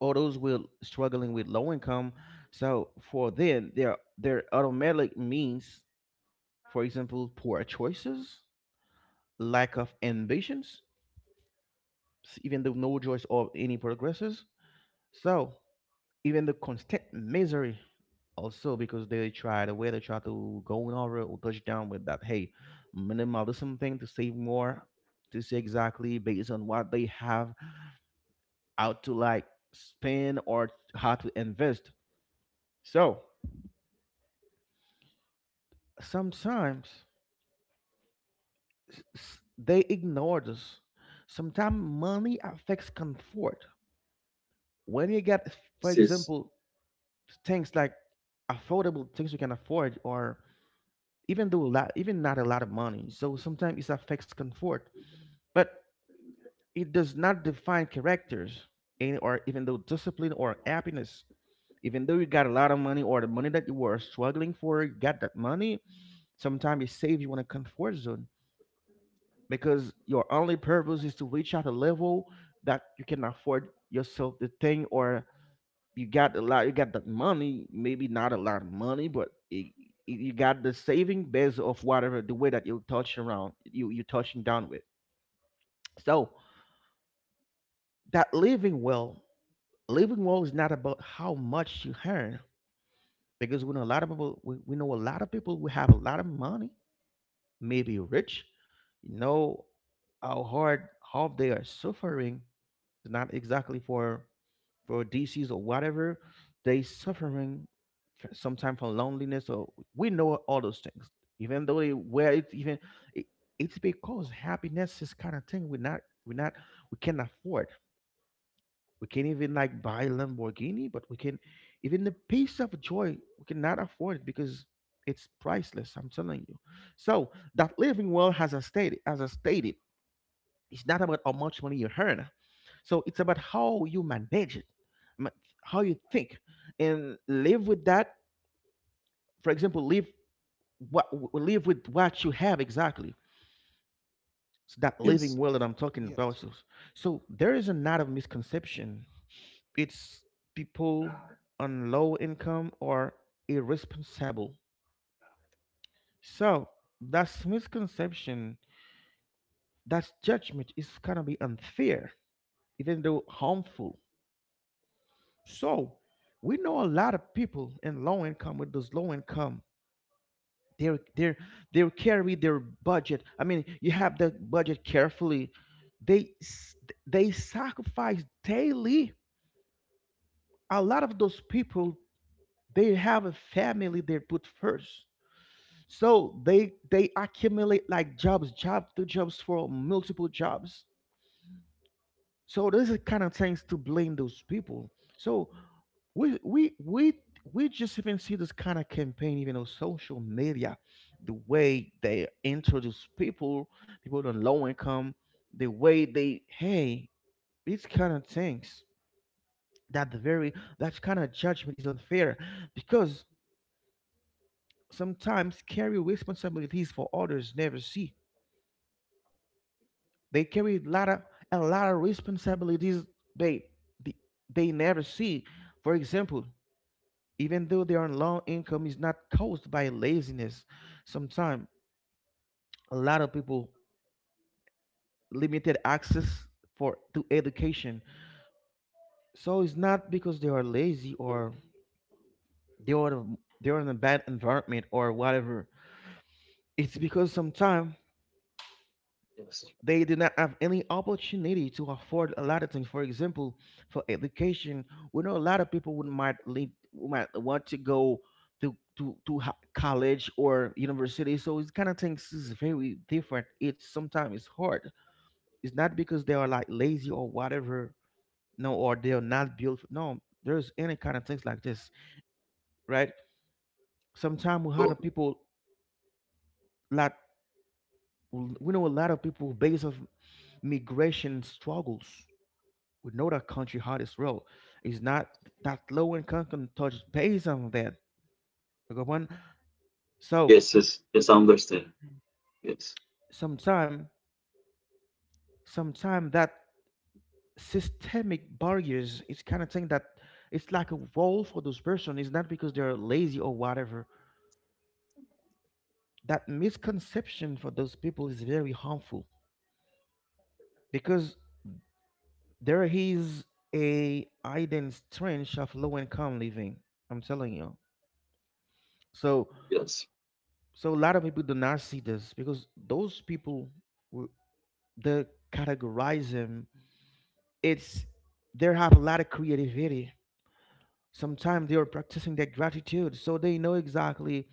A: all those will struggling with low income. So for them, their automatic means, for example, poor choices, lack of ambitions, even though no choice of any progresses. So even the constant misery also because they try the way they try to go in over or touch down with that hey minimalism thing to save more, to see exactly based on what they have out to like spend or how to invest. So sometimes they ignore this. Sometimes money affects comfort when you get, for
B: Yes, yes,
A: example, things like affordable things you can afford, or even though a lot, even not a lot of money, so sometimes it affects comfort. But it does not define characters and or even though discipline or happiness. Even though you got a lot of money or the money that you were struggling for, you got that money, sometimes it saves you in a comfort zone because your only purpose is to reach out a level that you can afford yourself the thing or you got a lot, you got that money, maybe not a lot of money, but it, you got the saving base of whatever the way that you touch around you you touching down with. So that living well is not about how much you earn, because we know a lot of people. We know a lot of people who have a lot of money, maybe rich. You know how hard, how they are suffering. It's not exactly for disease or whatever. They suffering sometimes from loneliness or we know all those things. Even though they where it's even it, it's because happiness is kind of thing we not we can afford. We can't even like buy a Lamborghini, but we can even the piece of joy we cannot afford it because it's priceless. I'm telling you. So that living well has a stated as I stated, it's not about how much money you earn. So it's about how you manage it, ma- how you think, and live with that. For example, live what, live with what you have exactly. So that living
B: yes,
A: well that I'm talking
C: Yes.
A: about. So so there is a lot of misconception. It's people on low income are irresponsible. So that's misconception, that judgment is gonna be unfair, even though harmful. So we know a lot of people in low income with those low income. They're they carry their budget. I mean, you have the budget carefully. They s- they sacrifice daily. A lot of those people, they have a family they put first. So they accumulate like jobs, job to jobs for multiple jobs. So this is kind of things to blame those people. So we we we we just even see this kind of campaign even on social media, the way they introduce people, people on low income, the way they hey, these kind of things that the very, that kind of judgment is unfair because sometimes carry responsibilities for others never see. They carry a lot of responsibilities they, they they never see. For example, even though their low income is not caused by laziness, sometimes a lot of people limited access for to education. So it's not because they are lazy or they are they are in a bad environment or whatever. It's because sometimes
B: yes.
A: they did not have any opportunity to afford a lot of things. For example, for education, we know a lot of people would might lead, might want to go to college or university. So it's kind of things is very different. It's sometimes it's hard. It's not because they are like lazy or whatever. No, or they are not built. No, there's any kind of things like this, right? Sometimes we had
B: Go.
A: a people like, we know a lot of people based of migration struggles. We know that country hardest road is not, that low income can touch base on that. Okay, one. So
B: Yes, yes, yes, I understand.
C: Mhm.
B: Yes,
A: sometime, sometime that systemic barriers, it's kind of thing that it's like a role for those person. It's not because they're lazy or whatever. That misconception for those people is very harmful because there is a hidden strength of low income living. I'm telling you. So
B: yes,
A: so a lot of people do not see this because those people who the categorism it's they have a lot of creativity. Sometimes they are practicing their gratitude, so they know exactly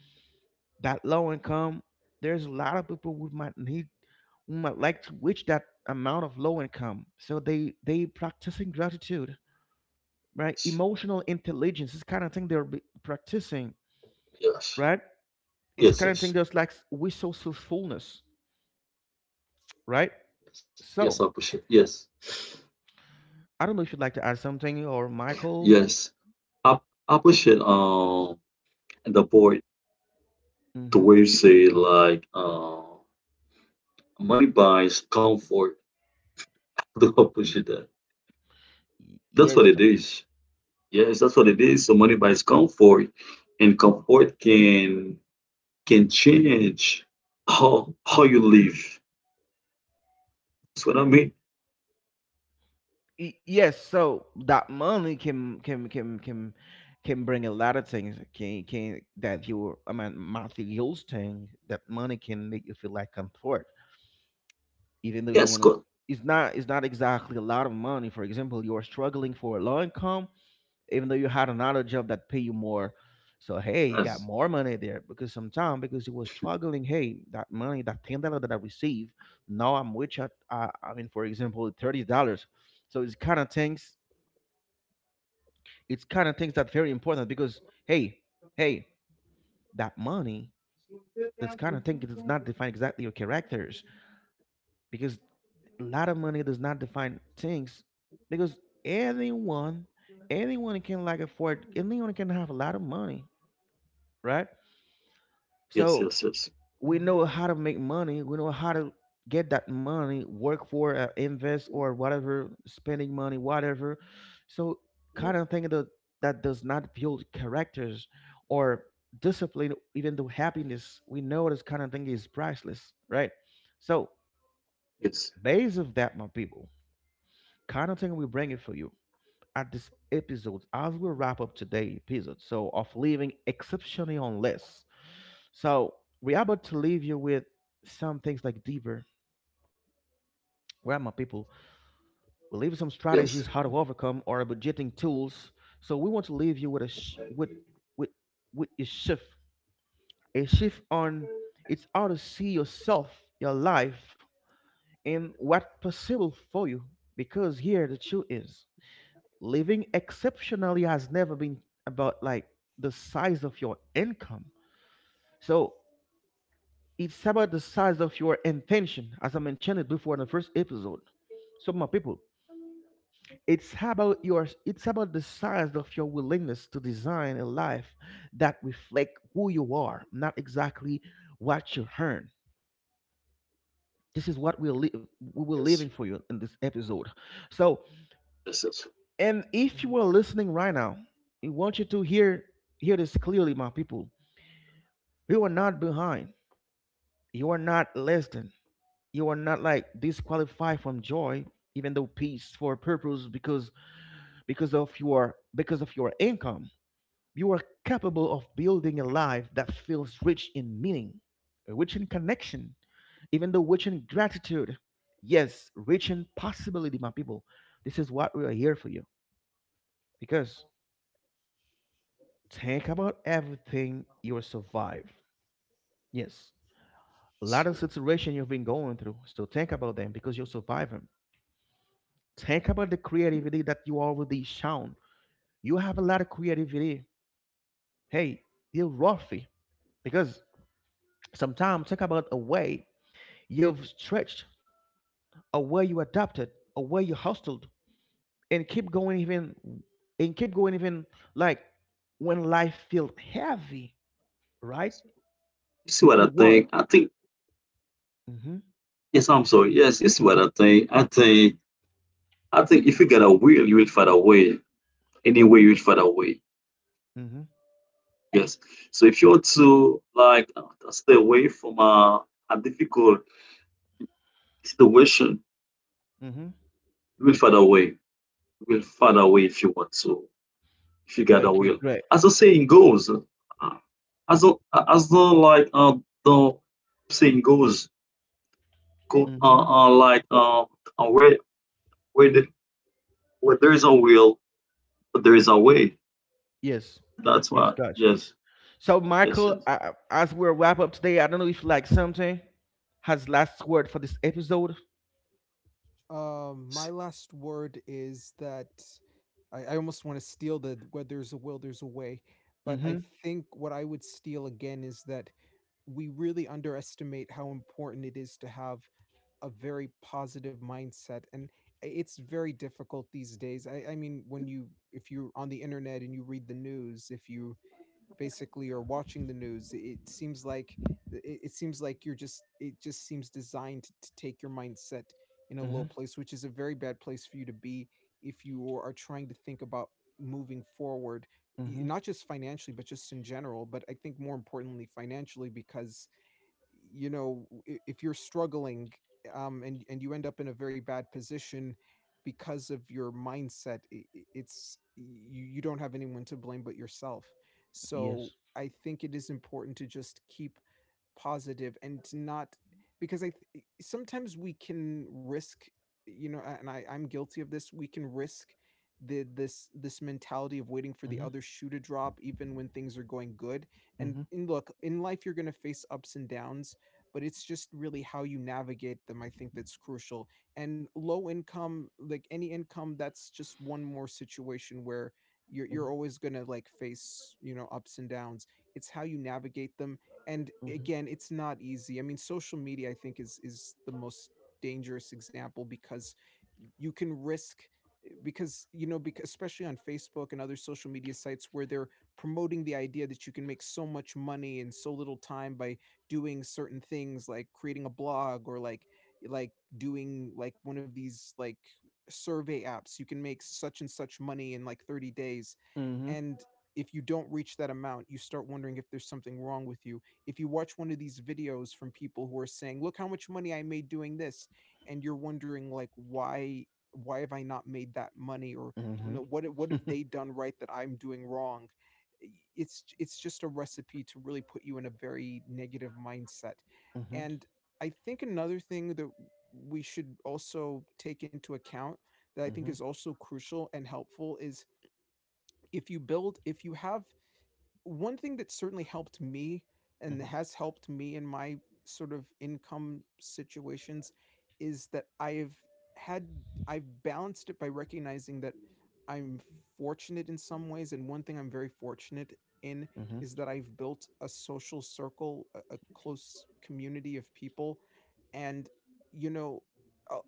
A: that low income, there's a lot of people who might need, who might like to reach that amount of low income, so they practicing gratitude, right?
B: yes,
A: Emotional intelligence is kind of thing practicing,
B: yes,
A: right? It's
B: yes,
C: Right.
A: kind of thing
B: yes,
A: that's like resourcefulness, right?
B: yes, yes, I
A: So
B: push it, yes.
A: I don't know if you'd like to add something or Michael.
B: Yes, i, I push it the board to
A: Hmm.
B: where you say like money buys comfort. Do the opposite. That. That's what
A: Yes.
B: it is. Yes, that's what it is. So money buys comfort, and comfort can change how you live. That's what I mean.
A: Yes, so that money can can bring a lot of things, can that you, I mean materials thing that money can make you feel like comfort, even though you
B: Yes,
A: want to.
B: God.
A: It's not, it's not exactly a lot of money. For example, you are struggling for a low income, even though you had another job that pay you more. So hey, you got
B: Yes,
A: more money there because sometimes because you was struggling. Hey, that money, that $10 that I receive, now I'm rich at I mean for example $30. So it's kind of things, it's kind of things that very important because hey, hey, that money, that's kind of thing, it does not define exactly your characters because a lot of money does not define things because anyone, anyone can like afford, anyone can have a lot of money, right?
B: yes, yes,
A: So
B: yes,
A: we
C: Mhm.
A: know how to make money, we know how to get that money work for invest or whatever, spending money whatever. So kind of thing that that does not build characters or discipline, even though happiness, we know this kind of thing is priceless, right? So
B: yes,
A: base of that, my people, kind of thing we bring it for you at this episode as we wrap up today episode so of living exceptionally on less. So we're about to leave you with some things like deeper. Where are my people? We leave you some
B: yes,
A: strategies how to overcome or budgeting tools. So we want to leave you with a with with with a shift on, it's how to see yourself, your life, and what possible for you. Because here the truth is, living exceptionally has never been about like the size of your income. So it's about the size of your intention, as I mentioned it before in the first episode. So, my people, it's about your, it's about the size of your willingness to design a life that reflect who you are, not exactly what you earn. This is what we were
B: yes,
A: living for you in this episode. So,
B: yes, yes. Yes.
A: and if
C: Mhm.
A: you are listening right now, we want you to hear, hear this clearly, my people. You are not behind. You are not less than. You are not like disqualified from joy, even though peace for a purpose, because of your, because of your income, you are capable of building a life that feels rich in meaning, rich in connection, even though rich in gratitude, yes, rich in possibility, my people. This is what we are here for you. Because think about everything you survive. Yes, a lot of situation you've been going through, so think about them because you'll survive them. Think about the creativity that you already shown. You have a lot of creativity. Hey, you're worthy because sometimes think about a way you've stretched, a way you adapted, a way you hustled, and keep going even, and keep going even like when life feels heavy, right?
B: You see what
A: You
B: I
A: were.
B: think? I think.
A: Mm-hmm.
B: Yes, I'm sorry. Yes, you see what I think? I think. I think if you got a will, you will find a way. Any way, you will find a way.
A: Mm-hmm.
B: Yes. So if you were to like stay away from a difficult situation,
A: Mm-hmm.
B: you will
C: Mhm.
B: find a way. You will find a way if you want to, if you got a
A: Okay,
B: will.
A: great.
B: As the saying goes, as the as the like the saying goes, go
A: Mm-hmm.
B: like uh where where where there is a will, but there is a way.
A: Yes.
B: That's
A: Yes,
B: why.
A: gotcha.
B: Yes.
A: So,
B: Yes.
A: Michael,
B: Yes.
A: I, as we wrap up today, I don't know if you like something has last word for this episode.
C: My last word is that I almost want to steal the where there's a will, there's a way. But I
A: Mm-hmm.
C: think what I would steal again is that we really underestimate how important it is to have a very positive mindset. And it's very difficult these days. I mean, when you, if you're on the internet and you read the news, if you basically are watching the news, it seems like it seems like you're just, it just seems designed to take your mindset in a
A: Mm-hmm.
C: low place, which is a very bad place for you to be if you are trying to think about moving forward,
A: Mm-hmm.
C: not just financially but just in general. But I think more importantly financially, because you know, if you're struggling, and you end up in a very bad position because of your mindset, it's, you don't have anyone to blame but yourself. So
A: Yes.
C: I think it is important to just keep positive and to not, because I sometimes we can risk, you know, and I'm guilty of this. We can risk the this this mentality of waiting for the
A: Mm-hmm.
C: other shoe to drop, even when things are going good.
A: Mm-hmm.
C: And look, in life, you're going to face ups and downs, but it's just really how you navigate them. I think that's crucial. And low income, like any income, that's just one more situation where. You're always gonna like face, you know, ups and downs. It's how you navigate them. And
A: Mm-hmm.
C: again, it's not easy. I mean, social media, I think, is the most dangerous example, because you can risk, because you know, because especially on Facebook and other social media sites where they're promoting the idea that you can make so much money in so little time by doing certain things, like creating a blog, or like like doing like one of these like survey apps. You can make such and such money in like 30 days,
A: Mm-hmm.
C: and if you don't reach that amount, you start wondering if there's something wrong with you. If you watch one of these videos from people who are saying, look how much money I made doing this, and you're wondering like, why have I not made that money? Or, you
A: Mm-hmm.
C: know, what have
A: Mm-hmm.
C: they done right that I'm doing wrong? It's just a recipe to really put you in a very negative mindset.
A: Mm-hmm.
C: And I think another thing that we should also take into account that I think
A: Mm-hmm.
C: is also crucial and helpful is, if you build, if you have one thing that certainly helped me and
A: Mm-hmm.
C: has helped me in my sort of income situations, is that I've had, I've balanced it by recognizing that I'm fortunate in some ways, and one thing I'm very fortunate in
A: Mm-hmm.
C: is that I've built a social circle, a close community of people. And, you know, uh,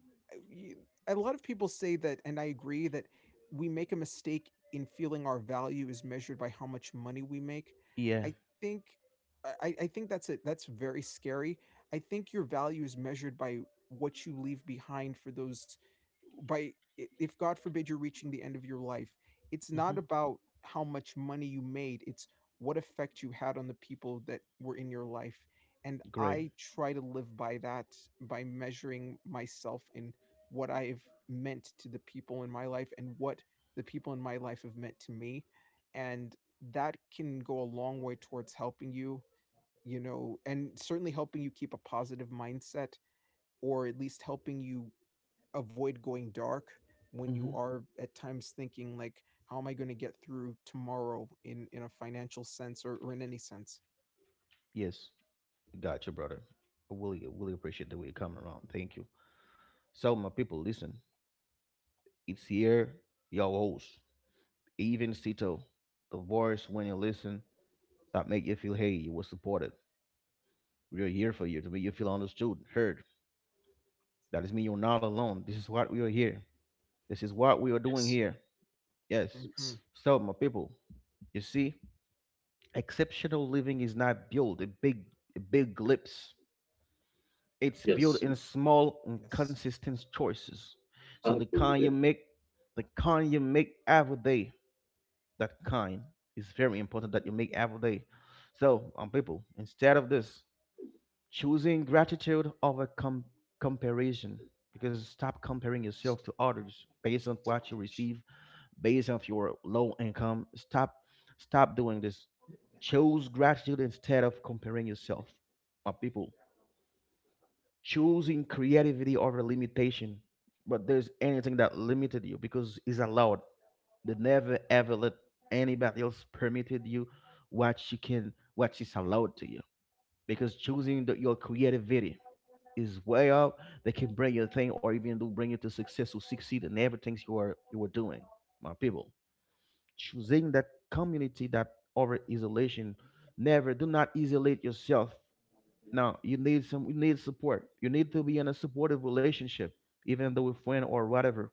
C: y- a lot of people say that, and I agree, that we make a mistake in feeling our value is measured by how much money we make.
A: Yeah.
C: I think, I think that's it. That's very scary. I think your value is measured by what you leave behind for those, by, if God forbid you're reaching the end of your life, it's
A: Mm-hmm.
C: not about how much money you made. It's what effect you had on the people that were in your life. And
A: Great.
C: I try to live by that, by measuring myself in what I've meant to the people in my life and what the people in my life have meant to me. And that can go a long way towards helping you, you know, and certainly helping you keep a positive mindset, or at least helping you avoid going dark when you
A: Mm-hmm.
C: are at times thinking like, how am I going to get through tomorrow in a financial sense, or in any sense.
A: Yes. Got you, brother. I really, really appreciate the way you coming around. Thank you. So, my people, listen. It's here, your host, even Sito, the voice when you listen that make you feel hey, you were supported. We are here for you to make you feel understood, heard. That doesn't mean you're not alone. This is what we are here. This is what we are doing
B: Yes.
A: here. Yes.
B: Yes.
C: Hmm.
A: So, my people, you see, exceptional living is not built in big, big leaps. It's built
B: Yes.
A: in small and
C: Yes.
A: consistent choices.
B: I
A: So the
B: agree
A: kind you
B: with
A: make, the kind you make every day, that kind is very important that you make every day. So, people, instead of this, choosing gratitude over comparison,
B: you.
A: because stop comparing yourself to others based on what you receive, based on your low income. Stop, stop doing this. Choose gratitude instead of comparing yourself with people. Choosing creativity over limitation, but there's anything that limited you because it's allowed. They never ever let anybody else permitted you what you can, what is allowed to you, because choosing the, your creativity is way up. They can bring your thing, or even do bring you to success or succeed in everything you are doing, my people. Choosing that community that over isolation. Never, do not isolate yourself. Now you need some, you need support, you need to be in a supportive relationship, even though with friend or whatever,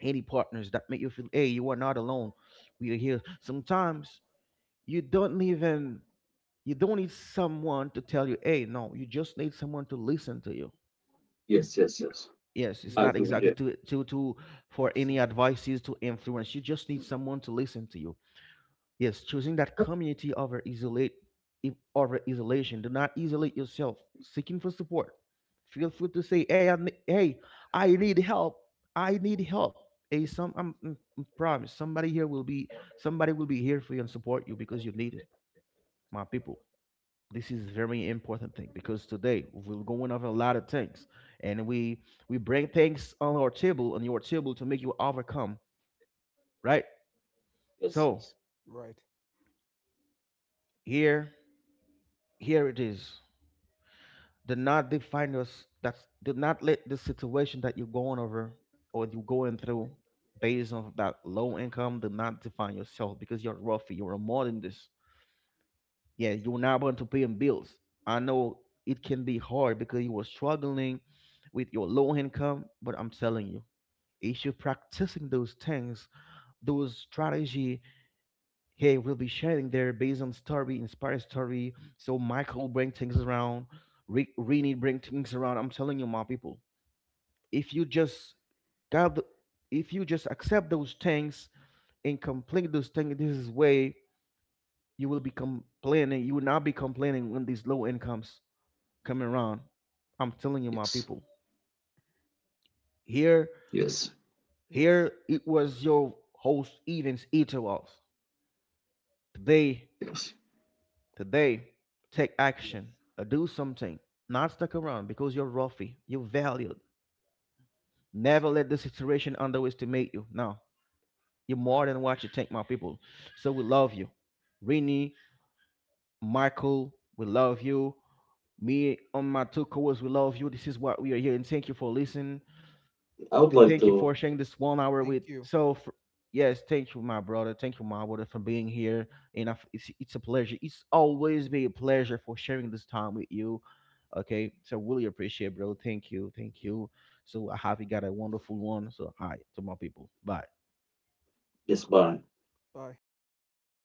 A: any partners that make you feel hey, you are not alone. We are here. Sometimes you don't even, you don't need someone to tell you hey no, you just need someone to listen to you.
B: Yes, yes, yes.
A: Yes, it's
C: Yes.
B: I
A: not
B: agree with
A: exactly
B: you.
A: to for any
C: Absolutely.
A: advices to influence. You just need someone to listen to you. Yes, choosing that community over over isolation. Do not isolate yourself. Seeking for support. Feel free to say, "Hey, I, hey, I need help. I need help." Hey, I promise somebody here will be, somebody will be here for you and support you because you need it, my people. This is very important thing because today we're going over a lot of things, and we bring things on our table, on your table, to make you overcome, right?
B: Yes,
A: So
B: yes,
C: Right.
A: here, here it is. Do not define us, that's do not let the situation that you're going over or you're going through based on that low income. Do not define yourself because you're roughy, you're more than this. Yeah, you're not going to paying bills. I know it can be hard because you were struggling with your low income, but I'm telling you, if you're practicing those things, those strategy, hey, we'll be sharing there based on story, inspired story. So Michael bring things around, Rini bring things around. I'm telling you, my people, if you just got, the- if you just accept those things and complete those things, this is way, you will be complaining. You will not be complaining when these low incomes coming around. I'm telling you, my
B: yes,
A: people. Here,
B: yes,
C: Yes.
A: here it was your host Evans Eaterwalls. Today,
B: yes.
A: today, take
C: Yes.
A: action. Do something. Not stuck around because you're roughy. You're valued. Never let the situation underestimate you. Now, you're more than what you think, my people. So we love you. Rini, Michael, we love you. Me on my two co-hosts, we love you. This is what we are here, and thank you for listening.
B: I would like
A: Thank you for
B: to.
A: sharing this 1 hour
C: Thank
A: with.
C: you.
A: So, f yes, thank you, my brother. Thank you, my brother, for being here. And I f it's a pleasure. It's always be a pleasure for sharing this time with you. Okay, so really appreciate, bro. Thank you, thank you. So I hope you got a wonderful one. So, hi to my people. Bye.
B: Yes, Baron.
C: Bye.